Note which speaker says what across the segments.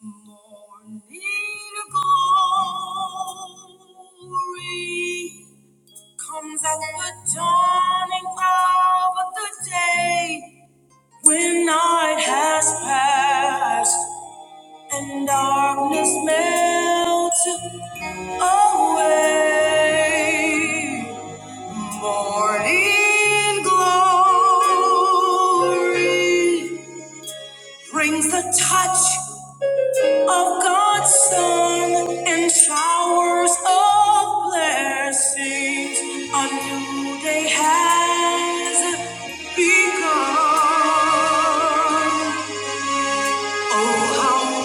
Speaker 1: Morning glory comes at the dawning of the day when night has passed and darkness melts away. Morning glory brings the touch of God's Son and showers of blessings. A new day has begun. Oh, how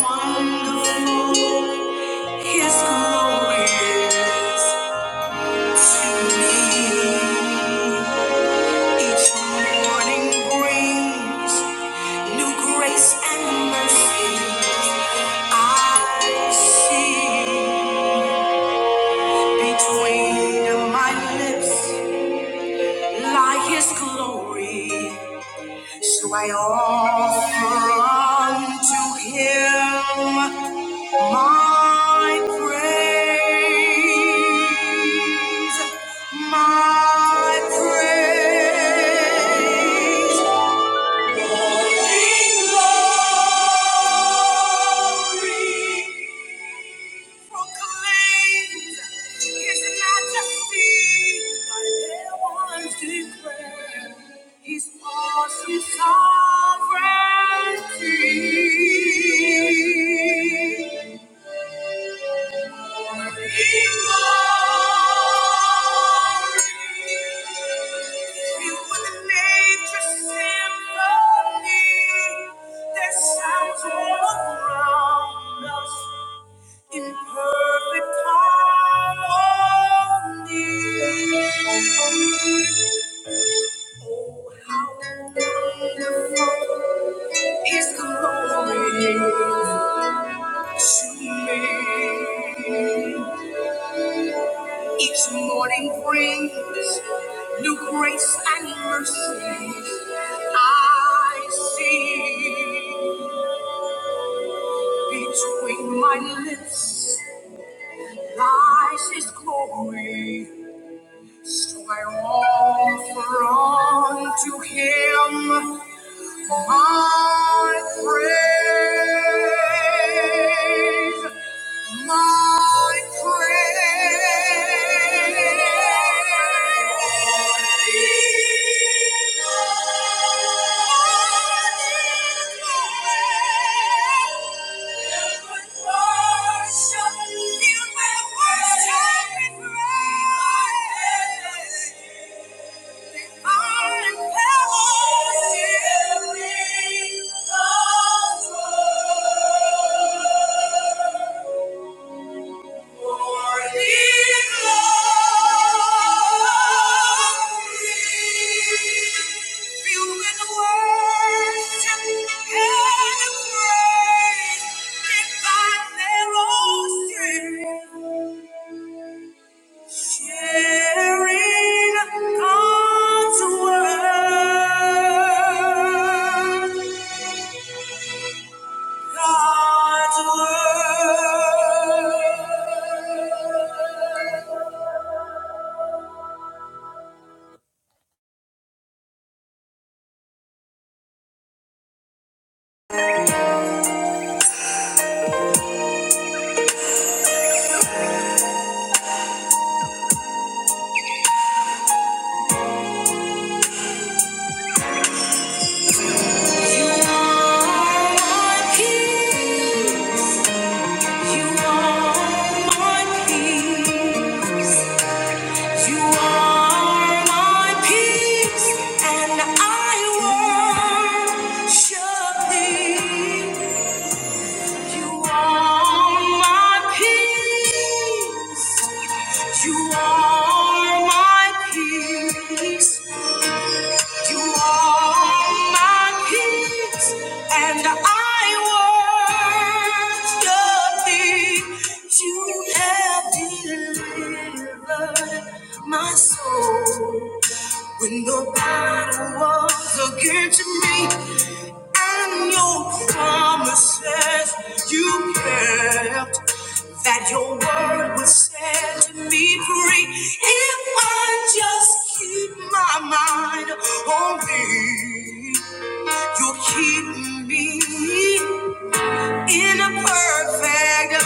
Speaker 1: wonderful His glory is to me. Each morning brings new grace and mercy. I see. Between my lips lie his glory. So I offer unto him my praise, my praise. Glory, glory. proclaims his majesty. Thy heavens declare his awesome sovereignty. You were the nature symphony that sounds all around us in perfect harmony. Oh, how wonderful is the glory to me. Each morning brings new grace and mercy. I see between my lips lies His glory. So I offer on to Him I praise my praise. Thank you. Sharing God's word, God's word. You are my peace. You are my peace. You are my peace, and I worship Thee. You are my peace. You are my peace. You are my peace, and I worship Thee. You have delivered my soul. When nobody was against me and your promises you kept, that your word would set me free if I just keep my mind on thee. You'll keep me in a perfect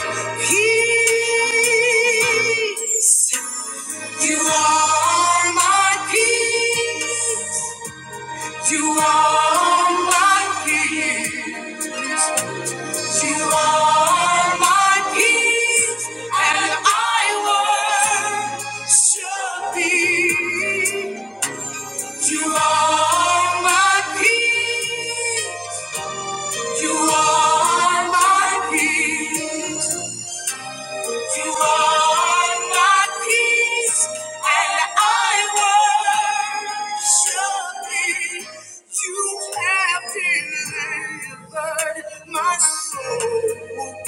Speaker 1: peace. You are my peace. You are my peace. You are my peace, and I worship thee. You are my peace. You are my peace. You are my peace, and I worship thee. You have delivered my soul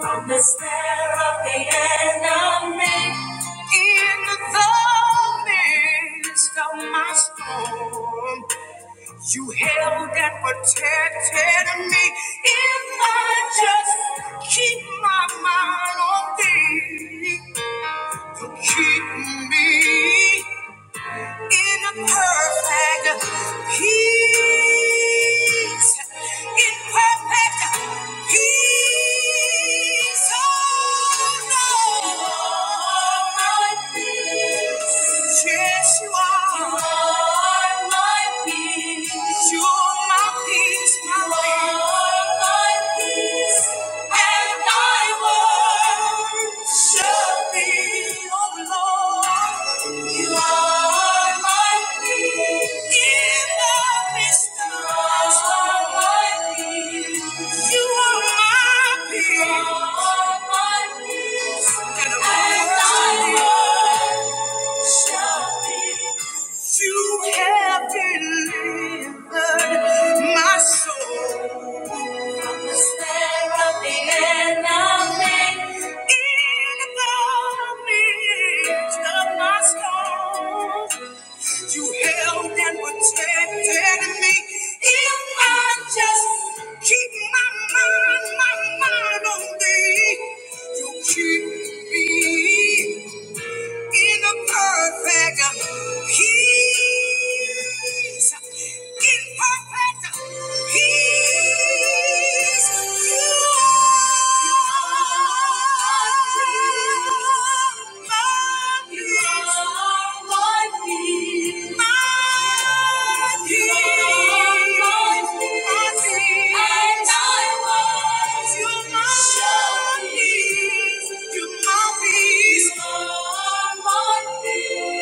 Speaker 1: from the snare of the enemy. In the midst of my storm, you held and protected me if I just keep my mind on thee. You keep me in a perfect peace. In perfect peace. Oh, Lord, my peace. Yes, you are. You are my peace. You are my peace, my You my peace, and I worship thee, oh Lord. You are my peace, in the midst of my peace. You are my peace, You are my peace, and I worship thee. You have delivered my soul from the snare of the enemy. In the midst of my storm, you held and protected me. If I just keep my mind, my mind on thee, you keep me in the perfect uh, peace. In perfect uh, peace, you are.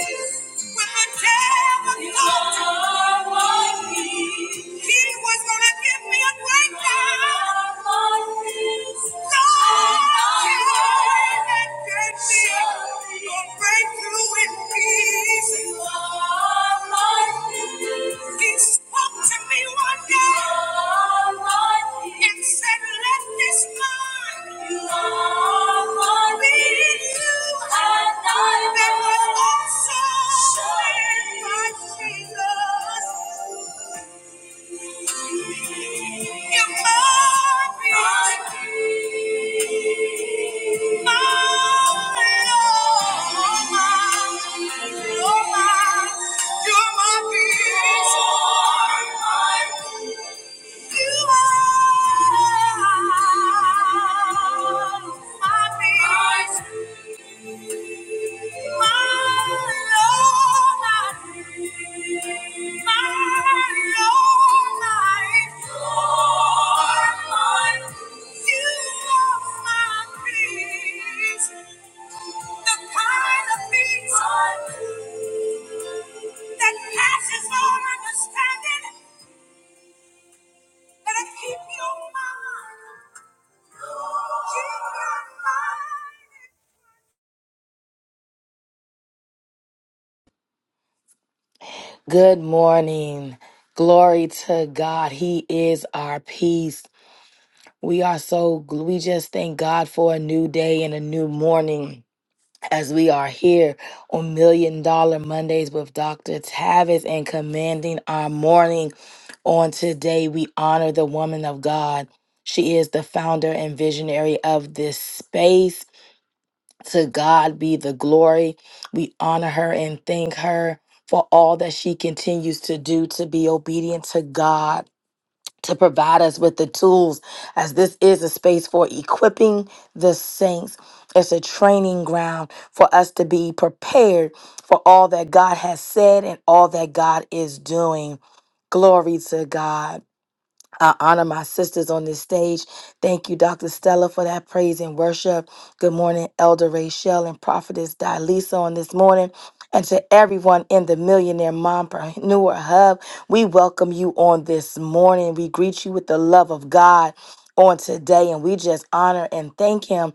Speaker 1: Peace. When the devil thought are my peace. he was gonna give me a breakdown, You are my peace. Lord, you gave me a breakthrough in peace. He spoke to me one day and said, Let this mind be in you that was also in Christ Jesus. Your mind be in you. Thank you.
Speaker 2: Good morning. Glory to God. He is our peace. We are so, we just thank God for a new day and a new morning as we are here on Million Dollar Mondays with Dr. Tavis and commanding our morning. On today, we honor the woman of God. She is the founder and visionary of this space. To God be the glory. We honor her and thank her for all that she continues to do to be obedient to God, to provide us with the tools, as this is a space for equipping the saints. It's a training ground for us to be prepared for all that God has said and all that God is doing. Glory to God. I honor my sisters on this stage. Thank you, Dr. Stella, for that praise and worship. Good morning, Elder Rachel and Prophetess Dilisa on this morning. And to everyone in the Millionaire Mompreneur Hub, we welcome you on this morning. We greet you with the love of God on today, and we just honor and thank Him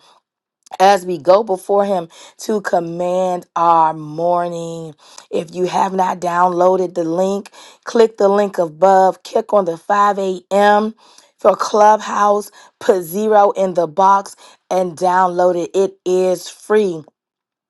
Speaker 2: as we go before him to command our morning. If you have not downloaded the link, click the link above, click on the 5 a.m. for Clubhouse, put zero in the box and download it. It is free.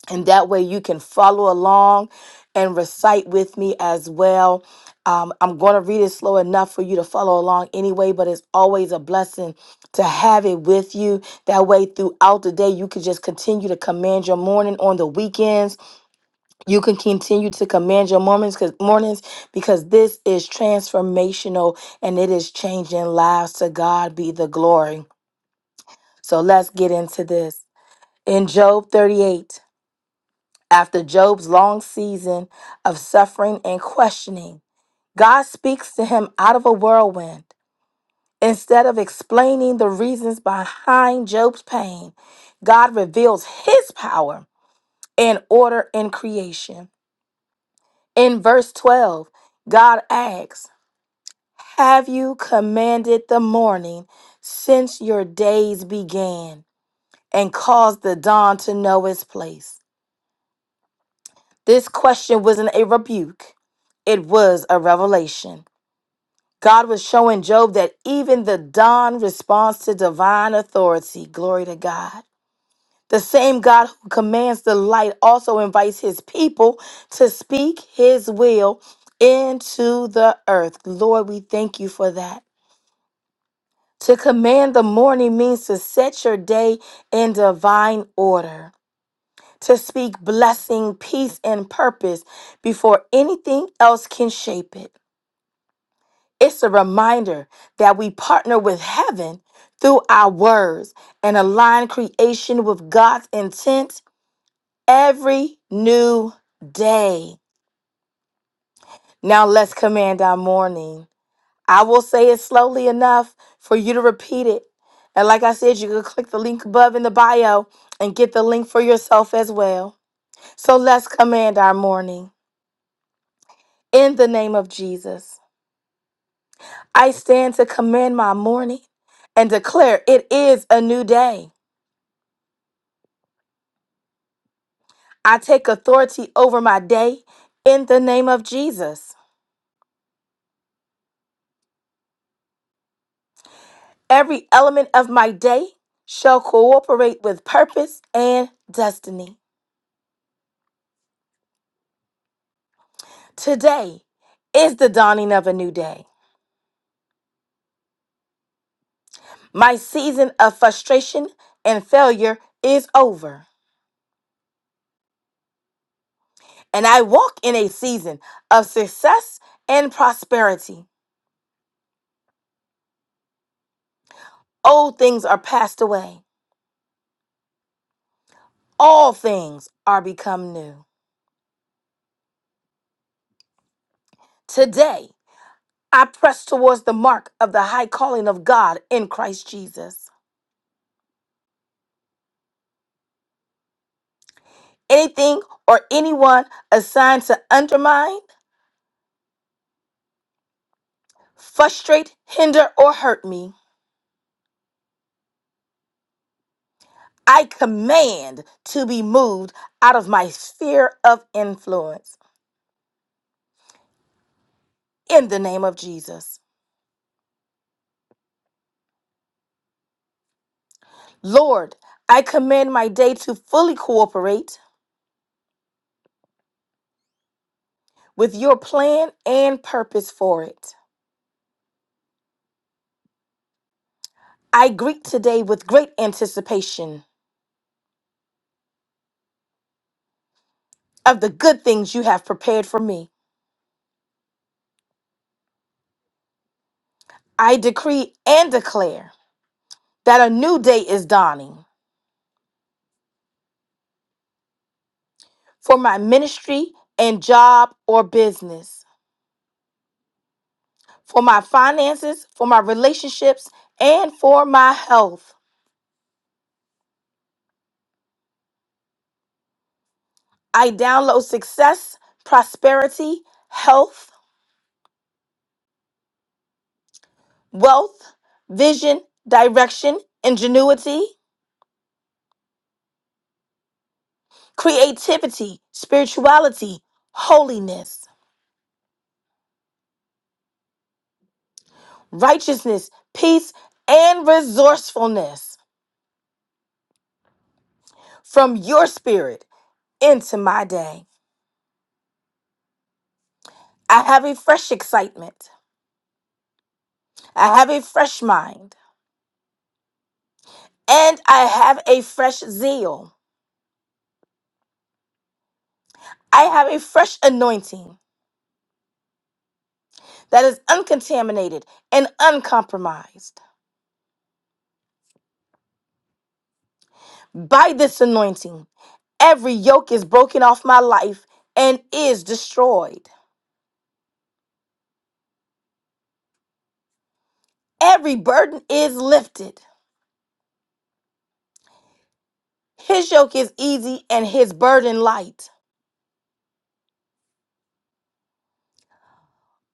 Speaker 2: And that way you can follow along and recite with me as well. Um, I'm going to read it slow enough for you to follow along anyway, but it's always a blessing to have it with you. That way, throughout the day, you can just continue to command your morning on the weekends. You can continue to command your mornings because mornings because this is transformational and it is changing lives. To God be the glory. So let's get into this. In Job 38. After Job's long season of suffering and questioning, God speaks to him out of a whirlwind. Instead of explaining the reasons behind Job's pain, God reveals his power and order in creation. In verse 12, God asks, Have you commanded the morning since your days began and caused the dawn to know its place? This question wasn't a rebuke, it was a revelation. God was showing Job that even the dawn responds to divine authority. Glory to God. The same God who commands the light also invites his people to speak his will into the earth. Lord, we thank you for that. To command the morning means to set your day in divine order. to speak blessing, peace, and purpose before anything else can shape it. It's a reminder that we partner with heaven through our words and align creation with God's intent every new day. Now let's command our morning. I will say it slowly enough for you to repeat it. And like I said, you can click the link above in the bio and get the link for yourself as well. So let's command our morning. in the name of Jesus. I stand to command my morning and declare it is a new day. I take authority over my day in the name of Jesus. Every element of my day shall cooperate with purpose and destiny. Today is the dawning of a new day. My season of frustration and failure is over, and I walk in a season of success and prosperity. Old things are passed away all things are become new. Today, I press towards the mark of the high calling of God in Christ Jesus. Anything or anyone assigned to undermine, frustrate, hinder, or hurt me, I command to be moved out of my sphere of influence in the name of Jesus. Lord, I command my day to fully cooperate with your plan and purpose for it. I greet today with great anticipation of the good things you have prepared for me. I decree and declare that a new day is dawning for my ministry and job or business, for my finances, for my relationships, and for my health. I download success, prosperity, health, wealth, vision, direction, ingenuity, creativity, spirituality, holiness, righteousness, peace, and resourcefulness. from your spirit into my day. I have a fresh excitement. I have a fresh mind. And I have a fresh zeal. I have a fresh anointing that is uncontaminated and uncompromised. By this anointing, every yoke is broken off my life and is destroyed. Every burden is lifted. His yoke is easy and his burden light.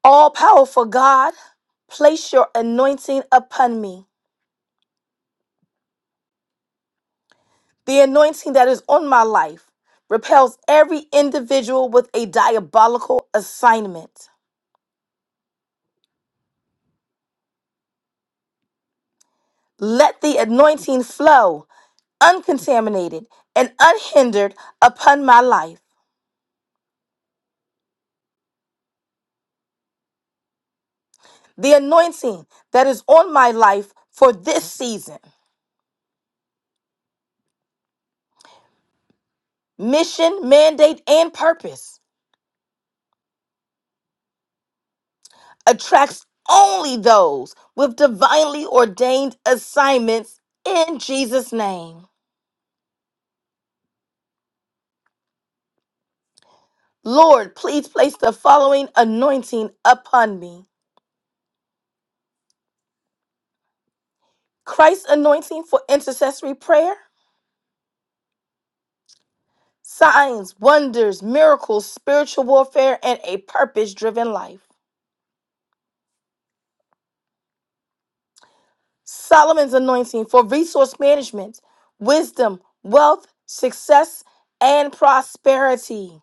Speaker 2: All powerful God, place your anointing upon me The anointing that is on my life repels every individual with a diabolical assignment. Let the anointing flow uncontaminated and unhindered upon my life. The anointing that is on my life for this season, mission, mandate, and purpose attracts only those with divinely ordained assignments in Jesus' name. Lord, please place the following anointing upon me Christ's anointing for intercessory prayer, signs, wonders, miracles, spiritual warfare, and a purpose driven life. Solomon's anointing for resource management, wisdom, wealth, success, and prosperity.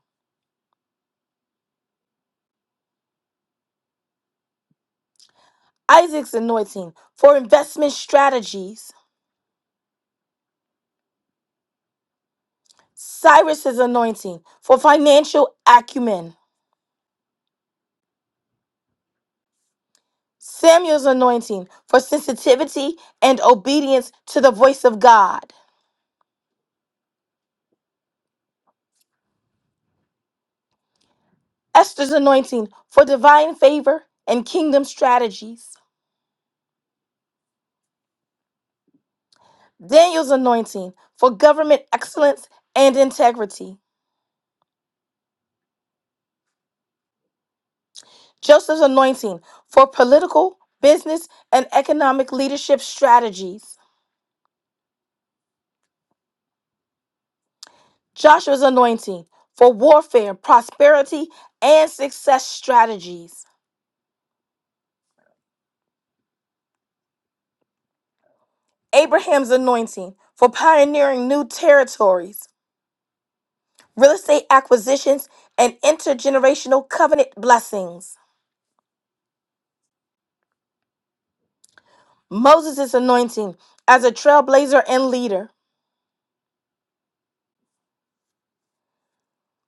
Speaker 2: Isaac's anointing for investment strategies. Cyrus's anointing for financial acumen. Samuel's anointing for sensitivity and obedience to the voice of God. Esther's anointing for divine favor and kingdom strategies. Daniel's anointing for government excellence and integrity. Joseph's anointing for political, business, and economic leadership strategies. Joshua's anointing for warfare, prosperity, and success strategies. Abraham's anointing for pioneering new territories, real estate acquisitions, and intergenerational covenant blessings. Moses' anointing as a trailblazer and leader.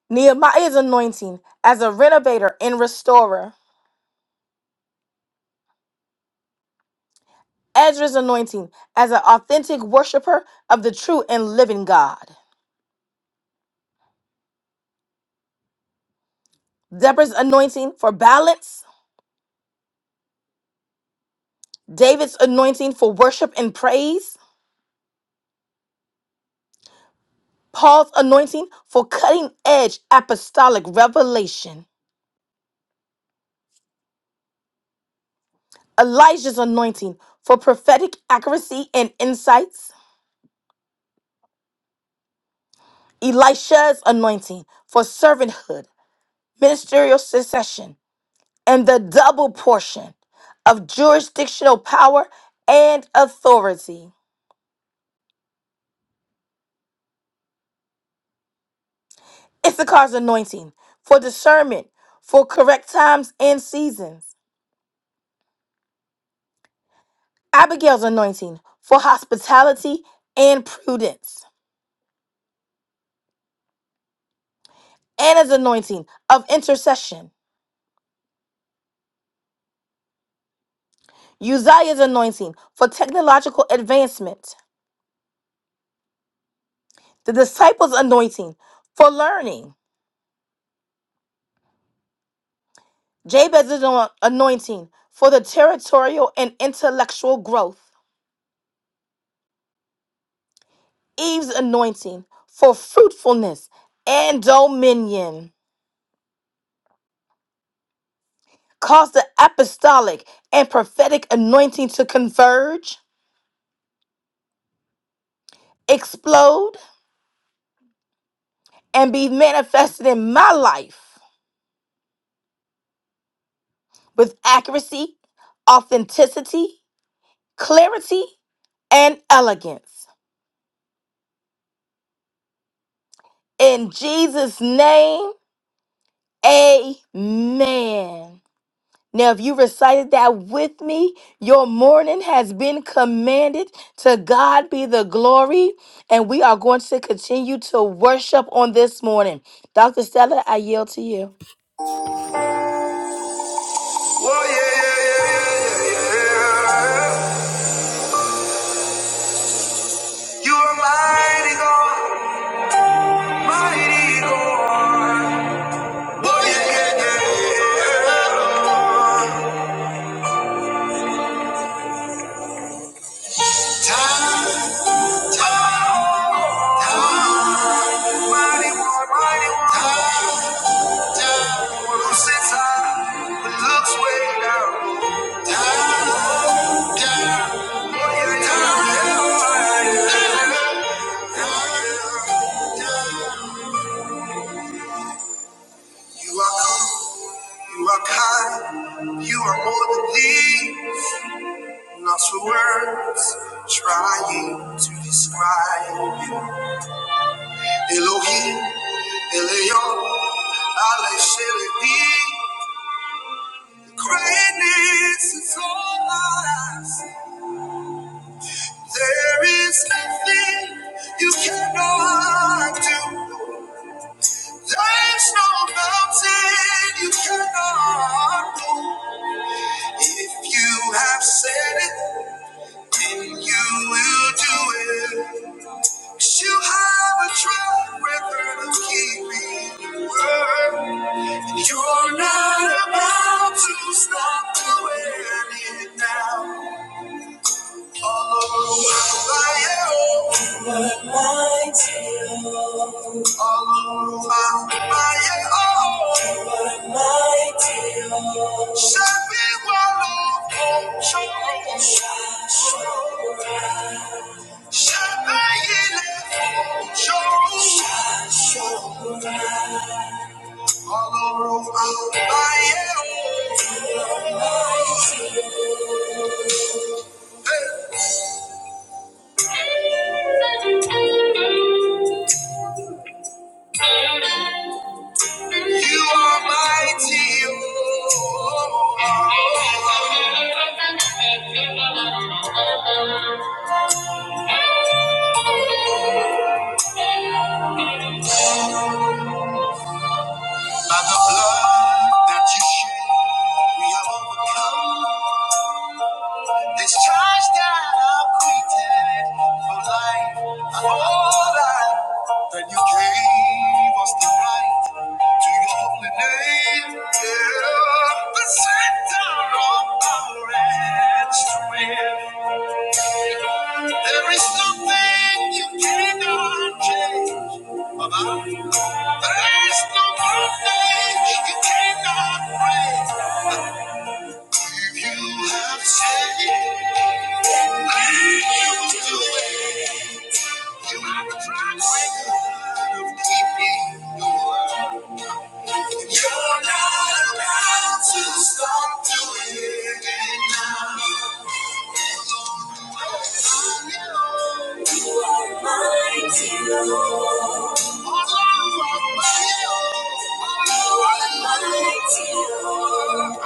Speaker 2: Nehemiah's anointing as a renovator and restorer. Ezra's anointing as an authentic worshiper of the true and living God. Deborah's anointing for balance. David's anointing for worship and praise. Paul's anointing for cutting edge apostolic revelation. Elijah's anointing for prophetic accuracy and insights. Elisha's anointing for servanthood ministerial succession, and the double portion of jurisdictional power and authority. Issachar's anointing for discernment, for correct times and seasons. Abigail's anointing for hospitality and prudence. Anna's anointing of intercession. Uzziah's anointing for technological advancement. The disciples' anointing for learning. Jabez's anointing for the territorial and intellectual growth. Eve's anointing for fruitfulness and dominion. Cause the apostolic and prophetic anointing to converge, explode, and be manifested in my life with accuracy, authenticity, clarity, and elegance. In Jesus' name, amen. Now, if you recited that with me, your morning has been commanded. To God be the glory. And we are going to continue to worship on this morning. Dr. Stella, I yield to you.
Speaker 1: Whoa, yeah, yeah, yeah, yeah, yeah, yeah. You are mighty God, mighty God. Oh, yeah, yeah, yeah. Time, time, time. Mighty, mighty, time, time. Who sits high looks way down. Time, time. Oh, yeah, yeah, yeah. You are cool, you are kind, you are more than these. Lost for words, trying to describe. you. Elohim, Elion, Ale Shelevi. Greatness is all I see. There is nothing you cannot do. There's no mountain you cannot move. If you have said it, then you will do it. 'Cause You have a track record of keeping your word. You're not about to stop doing it now. All over my own. my tears. All over my own. Shall be one of control. Shall be in control. All over my own. You are mighty, you are. By the blood that you shed, we have overcome. This charge that i have created for life, for life, that that you gave us the right to your holy name. Yeah. The center of our strength. There is nothing you cannot change about. There is no mountain you cannot break. If you have said it, you will do it. You are the promise of keeping the world. You're not about to stop doing it now. On your own. You are mighty, Lord. You are mighty, Lord.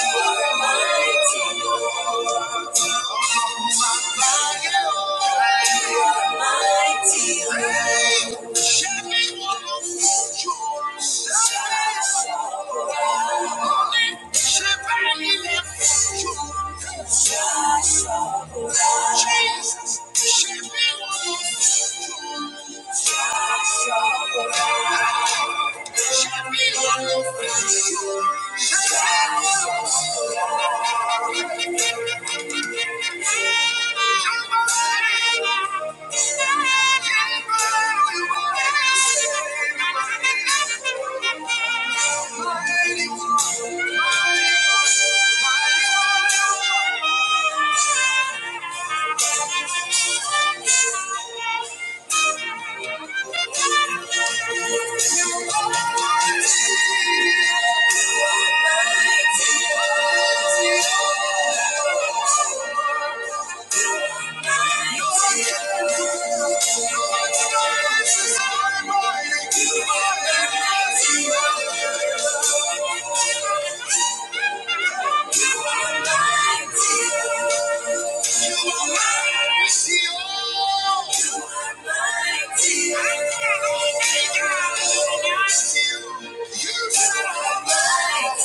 Speaker 1: You are mighty, Lord. You are mighty, Lord. Shine, shine, shine. Jesus. Mighty one, mighty one, mighty one. Thank you. are you are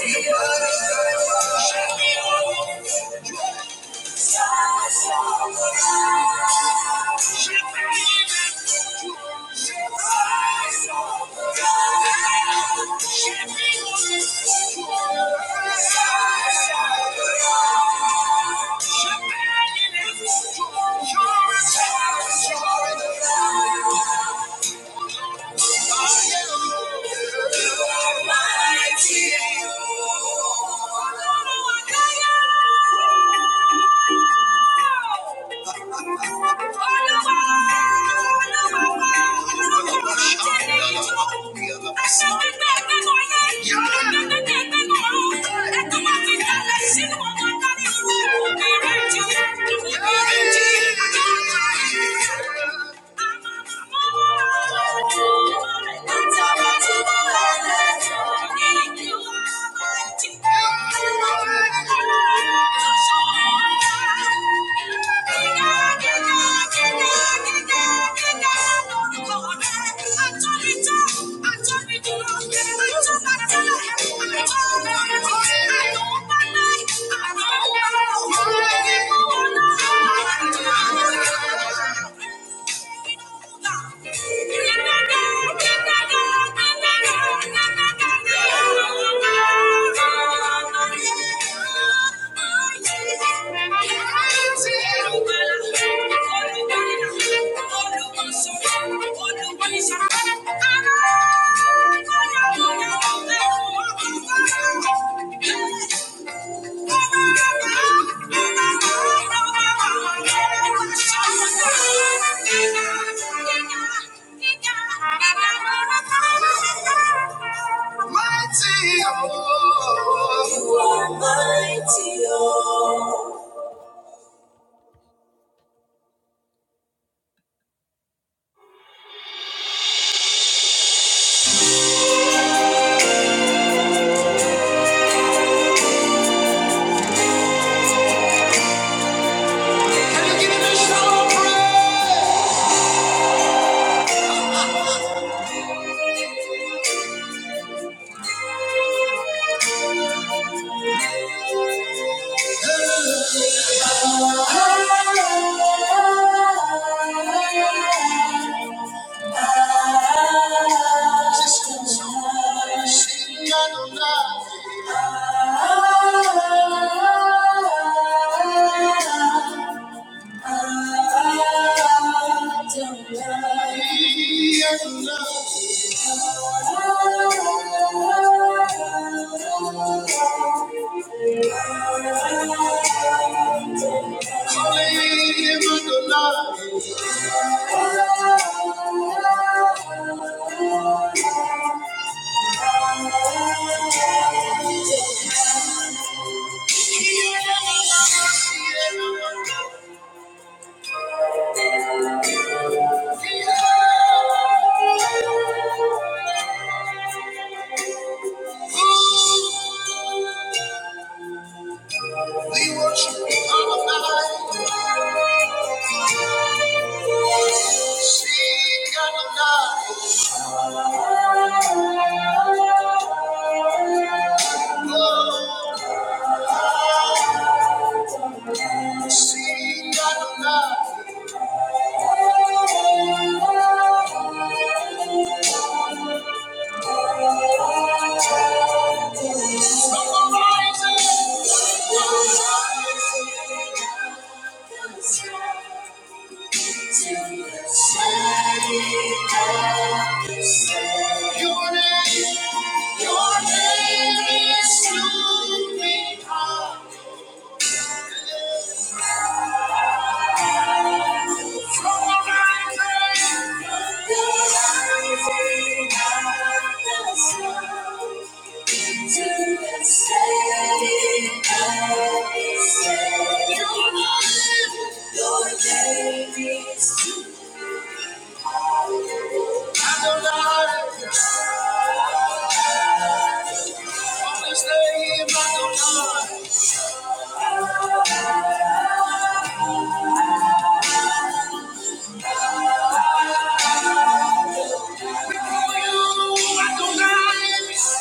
Speaker 1: Thank you. are mighty. Mighty. Thank you. Thank you. Thank you. Mighty oh, mighty oh. you give me some We worship you all night. Seek and night. Seek and night. Your name, your name is to be called. I I don't know. I don't Madeline.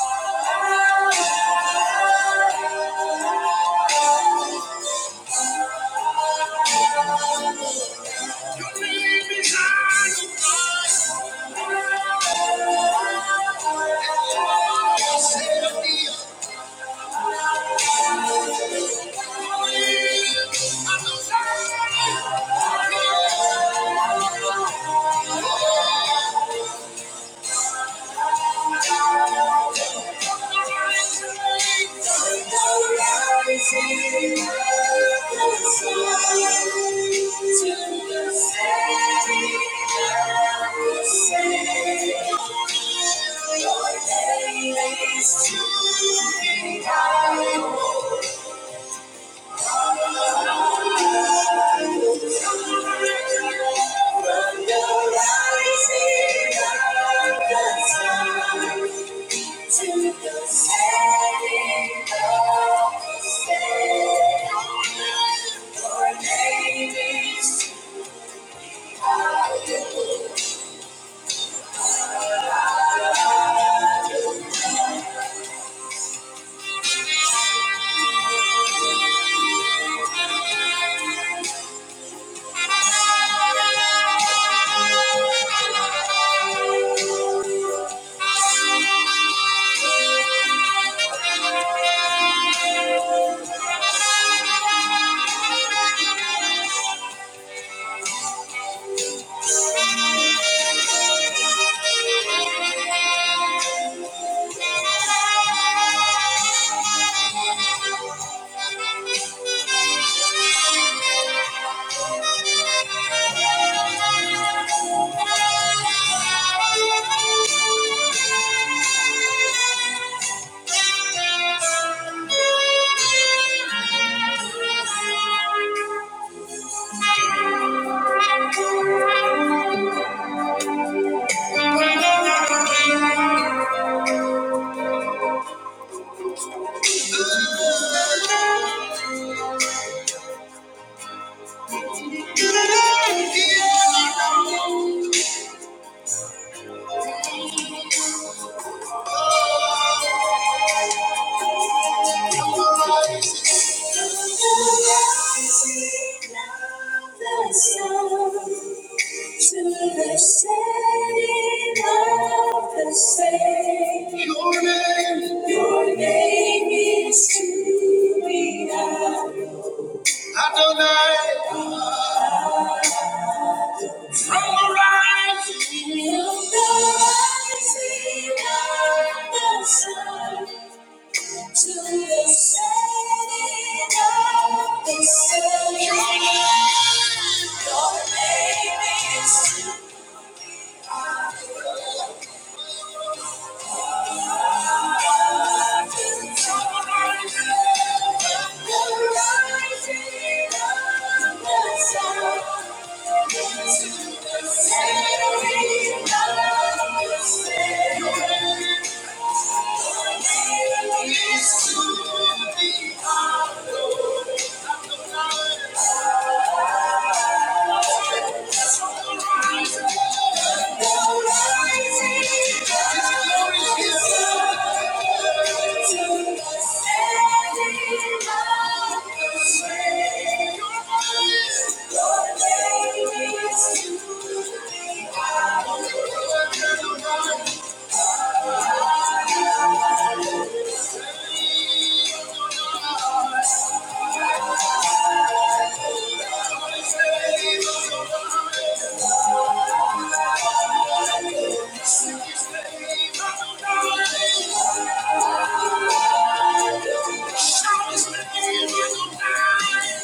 Speaker 1: Thank you. Thank you. Thank you. Thank you. Thank you. To the setting of the same, your name is to be known. Till the rising of the sun, To the setting of the sun. Your name is to our Thank you. Shout his name in the night.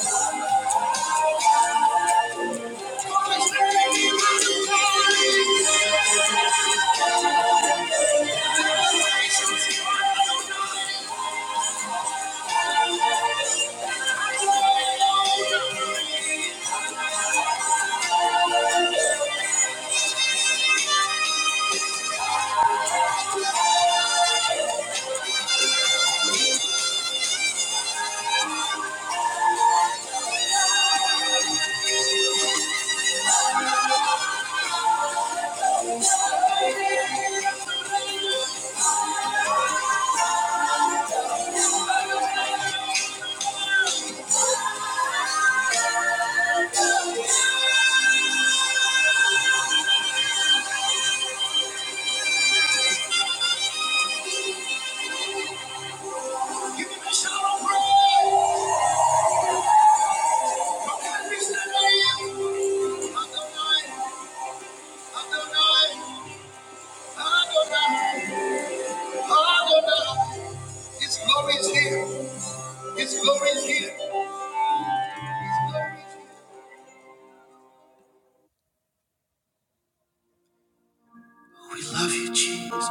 Speaker 1: We love you, Jesus.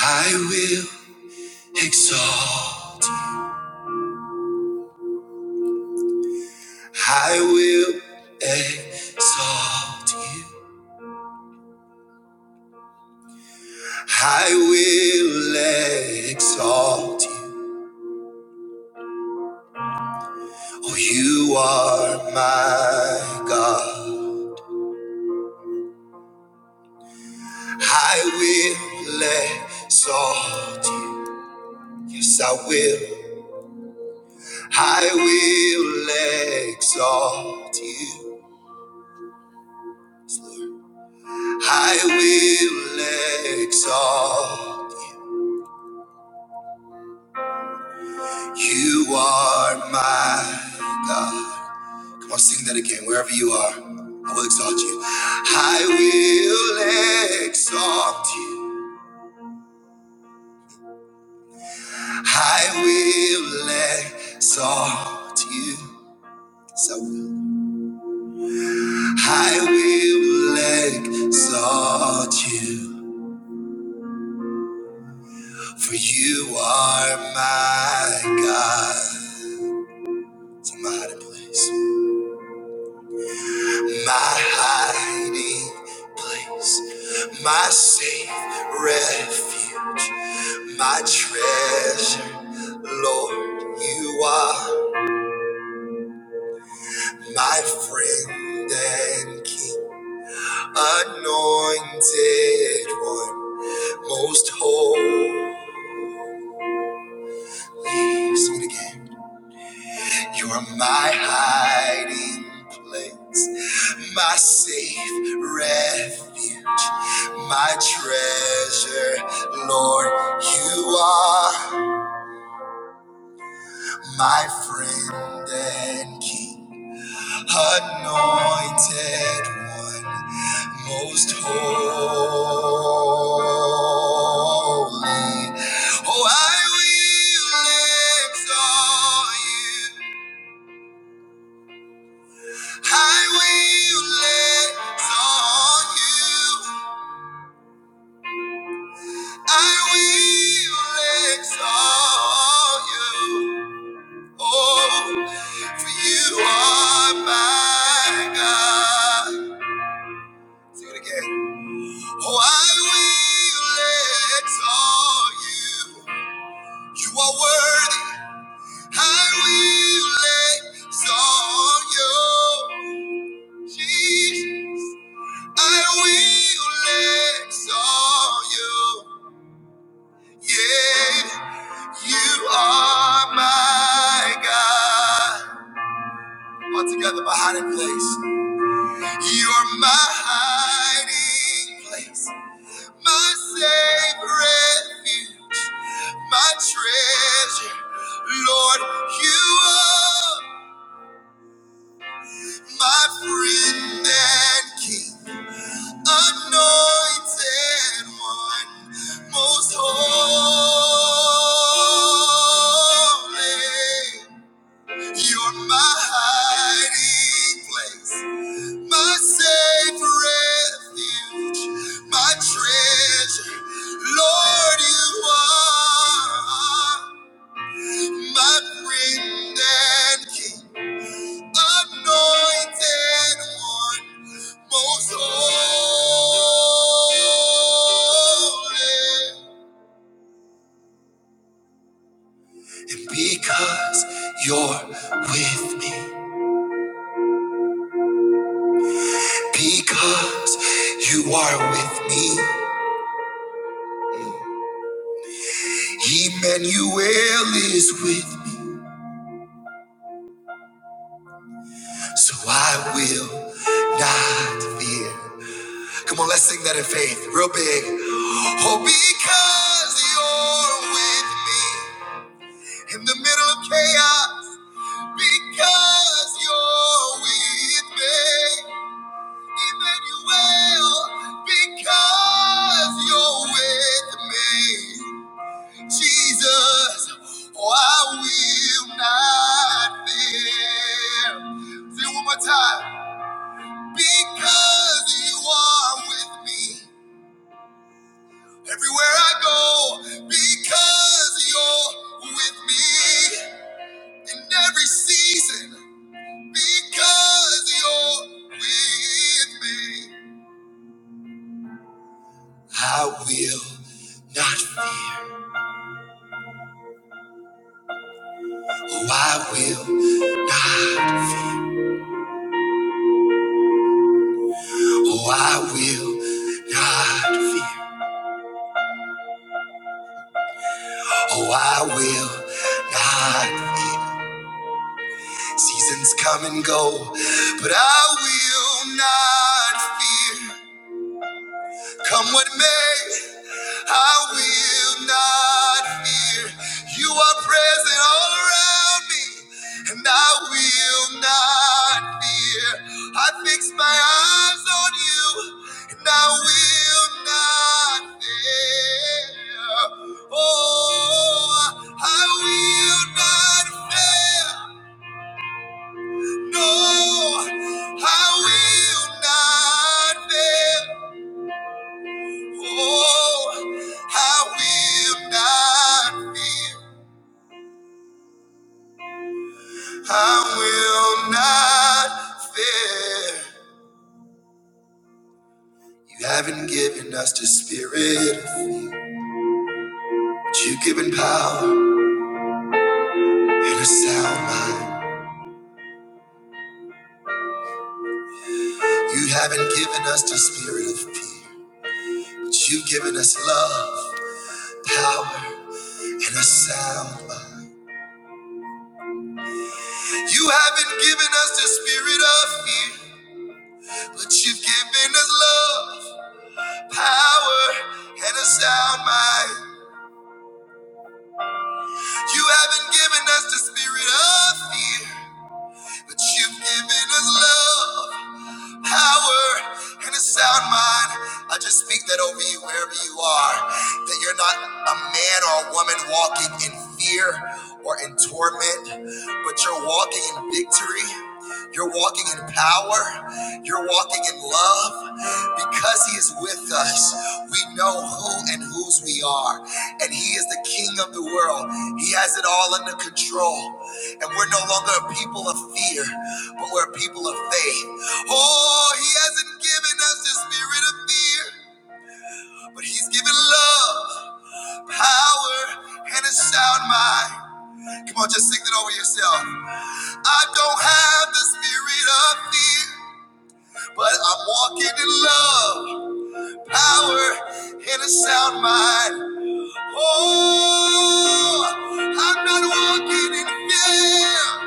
Speaker 1: I will exalt. I will exalt you. I will exalt you. Oh, you are my God. I will exalt you. Yes, I will. I will exalt you. I will exalt. You You are my God. Come on, sing that again, wherever you are. I will exalt you. I will exalt you. I will exalt you. Yes, I will. I will exalt you. For you are my God. Somebody, please. My hiding place. My safe refuge. My treasure. Lord, you are my friend and king. Anointed one. Most holy. Sing it again. You're my hiding place, my safe refuge, my treasure, Lord. You are my friend and king, anointed one, most holy. Oh, I will exalt you. I will exalt you. I will exalt you. Oh, for you are my God. Sing it again. Oh, I will exalt you. You are worthy. I will exalt you. Jesus, I will exalt you. Yeah, you are my God. All together, my hiding place. You are my hiding place, my safe refuge, my treasure. Lord, you are my friend and king, anointed one, most holy. You're my hiding place, my safe refuge, my treasure. Lord, you are my friend and king, anointed one, most holy. And because you're with me, because you are with me. Emmanuel is with me, so I will not fear. Come on, let's sing that in faith, real big. Oh, because you're with me in the middle of chaos, because you're with me. Emmanuel, because you're with me. Jesus, oh, I will not fear. Say it one more time. Because you are with me everywhere I go, because you're with me in every season, because you're with me, I will not fear. Oh, I will not. Oh, I will not fear. Oh, I will not. fear. Seasons come and go, but I will not fear. Come what may. I will not fear. You are present all around me, and I will not fear. I fix my eyes on you, and I will not fear. Oh, I will not fear. No, I will not fear. Oh, I will not fear. I will not fear. You haven't given us the spirit of fear, but you've given power and a sound mind. You haven't given us the spirit of fear, but you've given us love, power, and a sound mind. You haven't given us the spirit of fear, but you've given us love. power and a sound mind. You haven't given us the spirit of fear, but you've given us love, power and a sound mind. I just speak that over you wherever you are, that you're not a man or a woman walking in fear or in torment, but you're walking in victory. You're walking in power. You're walking in love. Because He is with us, we know who and whose we are. And He is the King of the world. He has it all under control. And we're no longer a people of fear, but we're a people of faith. Oh, He hasn't given us the spirit of fear, but He's given love, power, and a sound mind. Come on, just sing that over yourself. I don't have the spirit of fear, but I'm walking in love, power, and a sound mind. Oh, I'm not walking in fear.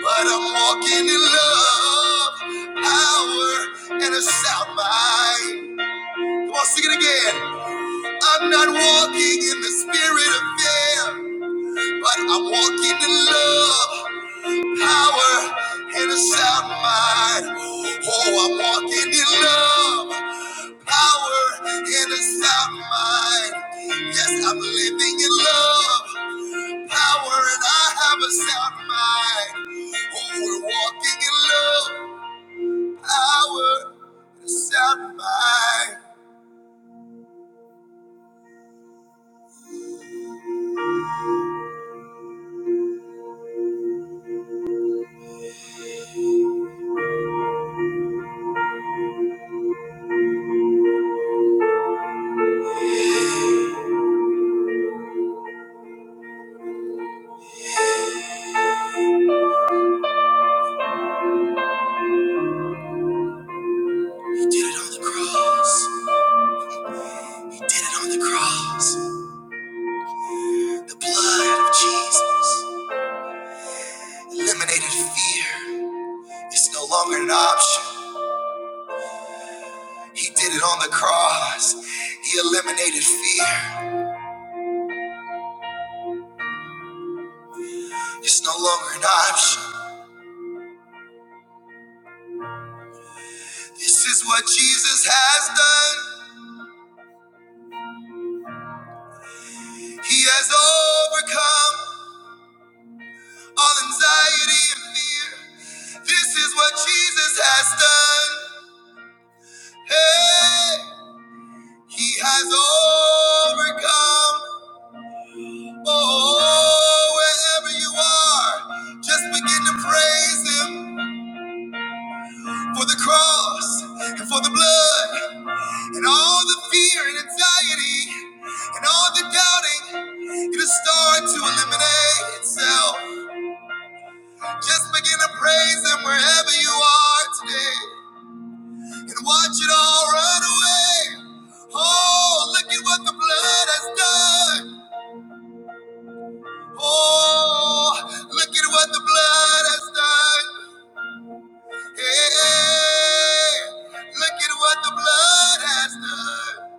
Speaker 1: But I'm walking in love, power, and a sound mind. Come on, sing it again. I'm not walking in the spirit of fear, but I'm walking in love, power, and a sound mind. Oh, I'm walking in love, power, and a sound mind. Yes, I'm living in love, power, and I have a sound mind. Oh, we're walking in love. power to sound mind. He did it on the cross. He did it on the cross. The blood of Jesus eliminated fear. It's no longer an option. He did it on the cross. He eliminated fear. It's no longer an option. This is what Jesus has done. He has overcome all anxiety and fear. This is what Jesus has done. Hey! He has overcome. Oh, wherever you are, just begin to praise Him for the cross and for the blood and all the fear and anxiety and all the doubting. It'll start to eliminate itself. Just begin to praise Him wherever you are today and watch it all run away. Oh, look at what the blood has done. Oh, look at what the blood has done. Hey, look at what the blood has done.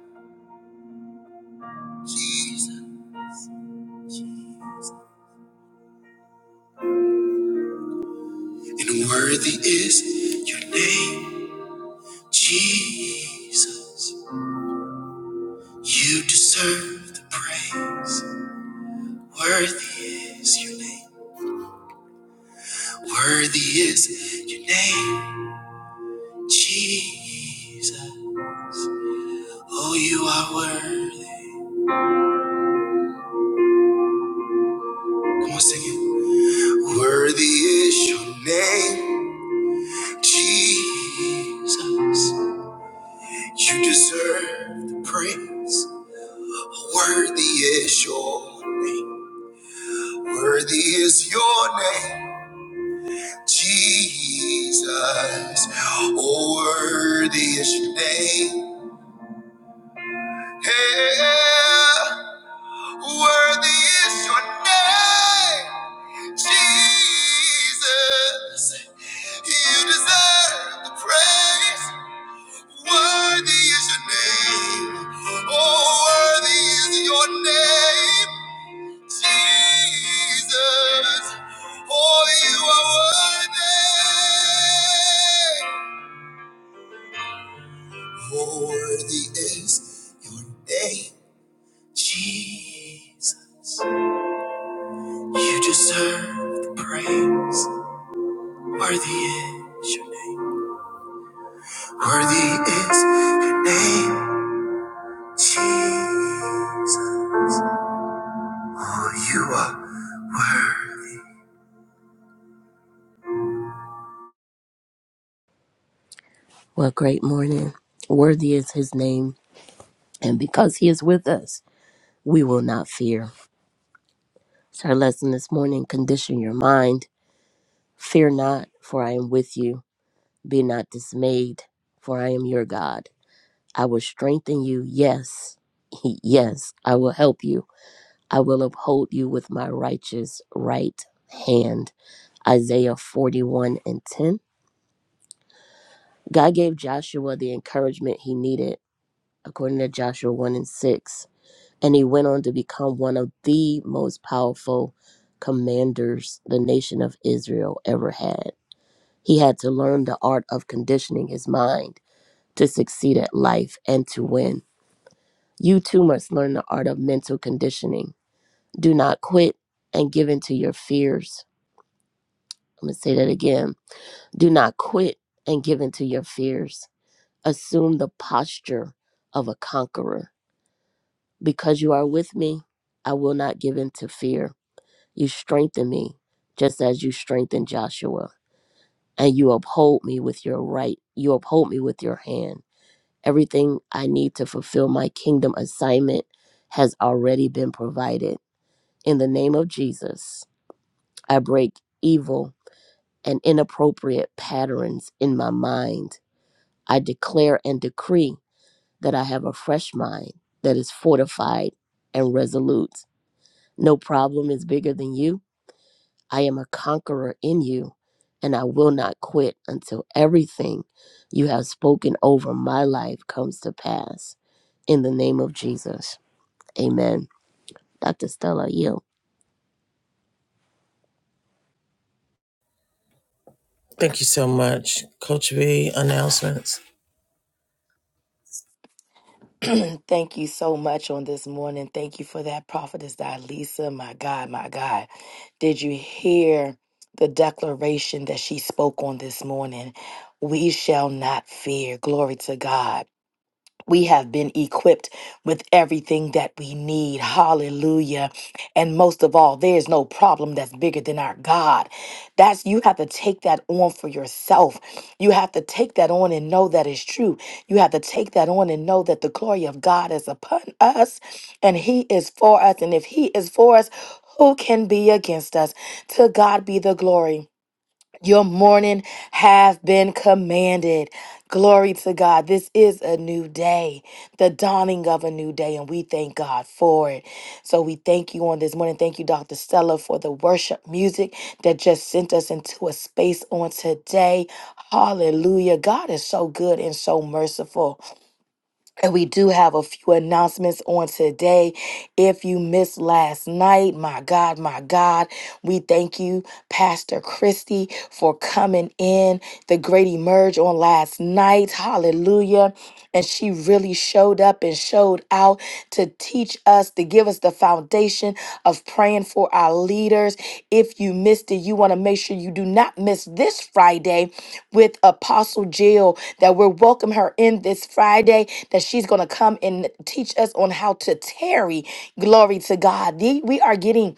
Speaker 1: Jesus. And worthy is your name, Jesus. You deserve the praise. Worthy is your name. Worthy is your name, Jesus. Oh, you are worthy. Come on, sing it. Worthy is your name. Jesus, you deserve the praise. Worthy is your name. Worthy is your name, Jesus. Oh, worthy is your name. Yeah. Worthy is your name, Jesus. You deserve the praise. Worthy is your name. Oh, worthy is your name, Jesus. Oh, you are worthy. Oh, worthy is your name, Jesus. You deserve the praise. Worthy is your name. Worthy is your name, Jesus. Oh, you are worthy.
Speaker 3: What great morning. Worthy is his name, and because he is with us, we will not fear. It's our lesson this morning condition your mind. Fear not, for I am with you. Be not dismayed, for I am your God. I will strengthen you. Yes, yes, I will help you. I will uphold you with my righteous right hand. Isaiah 41 and 10. God gave Joshua the encouragement he needed, according to Joshua 1 and 6. And he went on to become one of the most powerful commanders the nation of Israel ever had. He had to learn the art of conditioning his mind to succeed at life and to win. You too must learn the art of mental conditioning. Do not quit and give in to your fears. I'm going to say that again. Do not quit and give in to your fears. Assume the posture of a conqueror. Because you are with me, I will not give in to fear. You strengthen me just as you strengthened Joshua, and you uphold me with your right, you uphold me with your hand. Everything I need to fulfill my kingdom assignment has already been provided. In the name of Jesus, I break evil and inappropriate patterns in my mind. I declare and decree that I have a fresh mind that is fortified and resolute. No problem is bigger than you. I am a conqueror in you, and I will not quit until everything you have spoken over my life comes to pass. In the name of Jesus. Amen. Dr. Stella, you.
Speaker 1: Thank you so much. Coach V, announcements.
Speaker 2: Thank you so much on this morning. Thank you for that, Prophetess Dilisa. My God, my God. Did you hear the declaration that she spoke on this morning? We shall not fear. Glory to God. we have been equipped with everything that we need. Hallelujah. And most of all, there's no problem that's bigger than our God. That's you have to take that on for yourself. You have to take that on and know that is true. You have to take that on and know that the glory of God is upon us and he is for us and if he is for us, who can be against us? To God be the glory. Your morning have been commanded. Glory to God. This is a new day, the dawning of a new day, and we thank God for it. So we thank you on this morning. Thank you, Dr. Stella, for the worship music that just sent us into a space on today. Hallelujah. God is so good and so merciful. And we do have a few announcements on today. If you missed last night, my God, my God, we thank you, Pastor Christy, for coming in the great emerge on last night. Hallelujah. And she really showed up and showed out to teach us, to give us the foundation foundation of praying for our leaders. If you missed it, you want to make sure you do not miss this Friday with Apostle Jill, that we'll welcome her in this Friday, that she's going to come and teach us on how to tarry. Glory to God. The- We are getting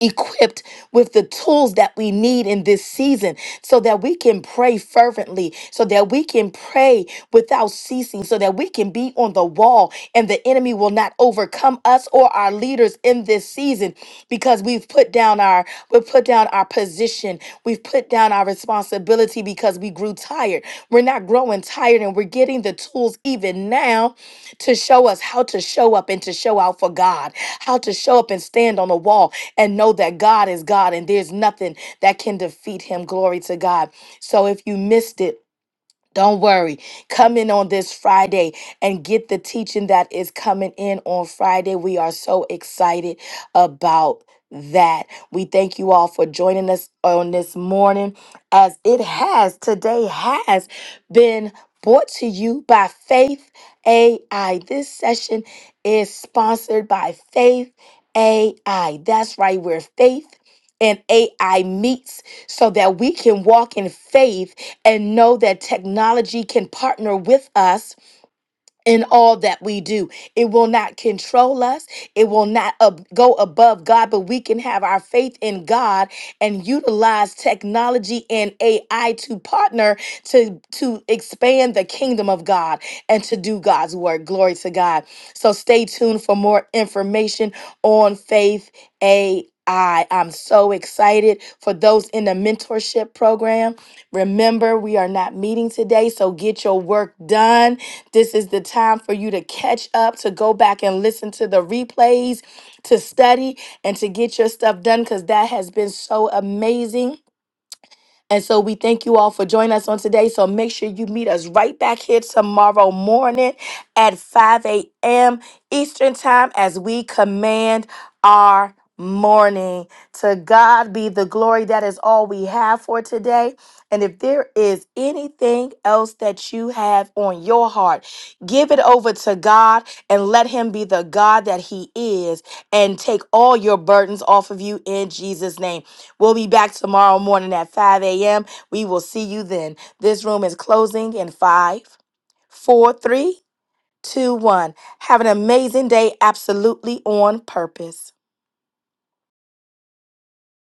Speaker 2: equipped with the tools that we need in this season so that we can pray fervently, so that we can pray without ceasing, so that we can be on the wall and the enemy will not overcome us or our leaders in this season because we've put down our we've put down our position, we've put down our responsibility because we grew tired. We're not growing tired and we're getting the tools even now to show us how to show up and to show out for God, how to show up and stand on the wall and know that God is God and there's nothing that can defeat him. Glory to God. So if you missed it, don't worry. Come in on this Friday and get the teaching that is coming in on Friday. We are so excited about that. We thank you all for joining us on this morning as it has today has been brought to you by Faith AI. This session is sponsored by Faith AI. That's right, where faith and AI meets so that we can walk in faith and know that technology can partner with us in all that we do. It will not control us. It will not ab- go above God, but we can have our faith in God and utilize technology and AI to partner to to expand the kingdom of God and to do God's work. Glory to God. So stay tuned for more information on faith AI. I'm so excited for those in the mentorship program. Remember, we are not meeting today, so get your work done this is the time for you to catch up, to go back and listen to the replays, to study, and to get your stuff done because that has been so amazing. And so we thank you all for joining us on today. So make sure you meet us right back here tomorrow morning at 5 a.m. Eastern Time as we command our morning. To God be the glory. That is all we have for today. And if there is anything else that you have on your heart, give it over to God and let Him be the God that He is and take all your burdens off of you in Jesus' name. We'll be back tomorrow morning at 5 a.m. We will see you then. This room is closing in five, four, three, two, one. Have an amazing day, absolutely on purpose.